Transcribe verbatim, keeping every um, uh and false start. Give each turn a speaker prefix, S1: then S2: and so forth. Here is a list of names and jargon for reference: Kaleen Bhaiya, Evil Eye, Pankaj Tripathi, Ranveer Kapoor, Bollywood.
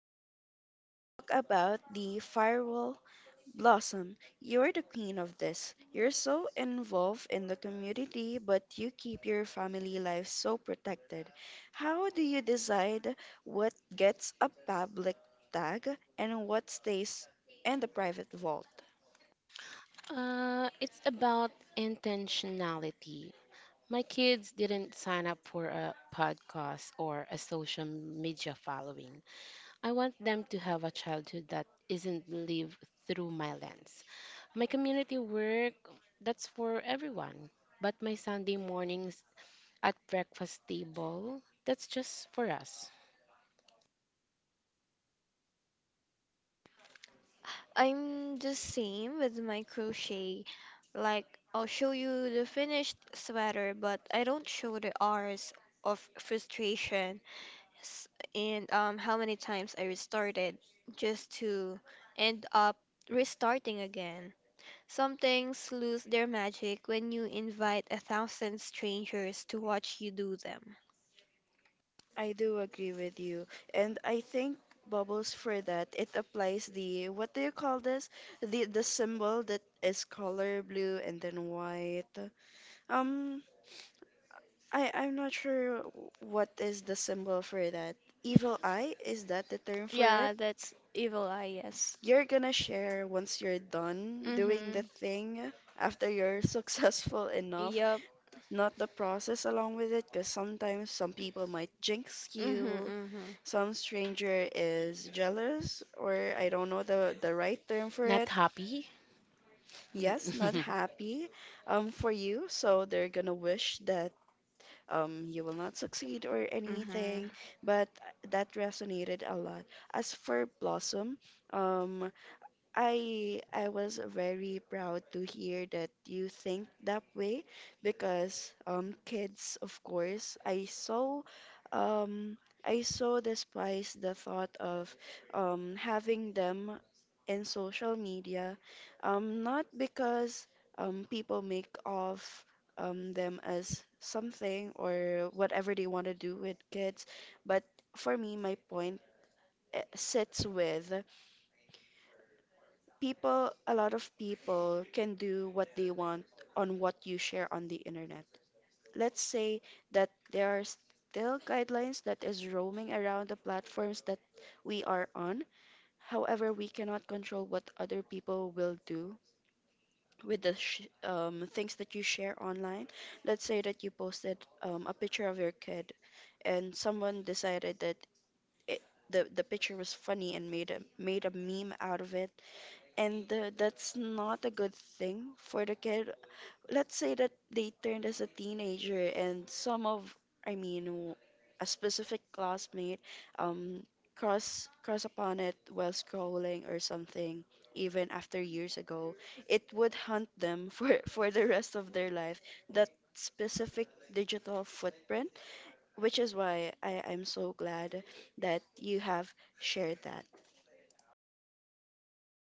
S1: let's talk about the firewall blossom. You're the queen of this. You're so involved in the community, but you keep your family life so protected. How do you decide what gets a public tag and what stays in the private vault?
S2: Uh, it's about intentionality. My kids didn't sign up for a podcast or a social media following. I want them to have a childhood that isn't lived through my lens. My community work, that's for everyone. But my Sunday mornings at breakfast table, that's just for us.
S3: I'm the same with my crochet. Like, I'll show you the finished sweater, but I don't show the hours of frustration s- and um, how many times I restarted just to end up restarting again. Some things lose their magic when you invite a thousand strangers to watch you do them.
S1: I do agree with you. And I think bubbles for that, it applies the what do you call this? The the symbol that is color blue and then white. Um I I'm not sure what is the symbol for that. Evil eye, is that the term for it?
S3: Yeah, that's Evil Eye, yes.
S1: You're gonna share once you're done doing the
S3: Mm-hmm.
S1: thing after you're successful enough,
S3: Yep.
S1: not the process along with it, because sometimes some people might jinx
S3: Mm-hmm,
S1: you.
S3: mm-hmm,
S1: Some stranger is jealous, or I don't know the the right term for
S2: Not
S1: it.
S2: happy?
S1: Yes,
S2: Yes.
S1: not happy um for you, so they're gonna wish that um you will not succeed or anything.
S3: mm-hmm.
S1: But that resonated a lot. As for Blossom, um I I was very proud to hear that you think that way because um kids of course I saw, um I so despise the thought of um having them in social media, um not because um people make of um them as something or whatever they want to do with kids. But for me my point, eh, sits with people. A lot of people can do what they want on what you share on the internet. Let's say that there are still guidelines that is roaming around the platforms that we are on. However, we cannot control what other people will do with the sh- um, things that you share online. Let's say that you posted, um, a picture of your kid and someone decided that it, the, the picture was funny and made a made a meme out of it, and uh, that's not a good thing for the kid. Let's say that they turned as a teenager, and some of, I mean, w- a specific classmate, um, cross cross upon it while scrolling or something, even after years ago, it would haunt them for for the rest of their life. That specific digital footprint, which is why I, I'm so glad that you have shared that.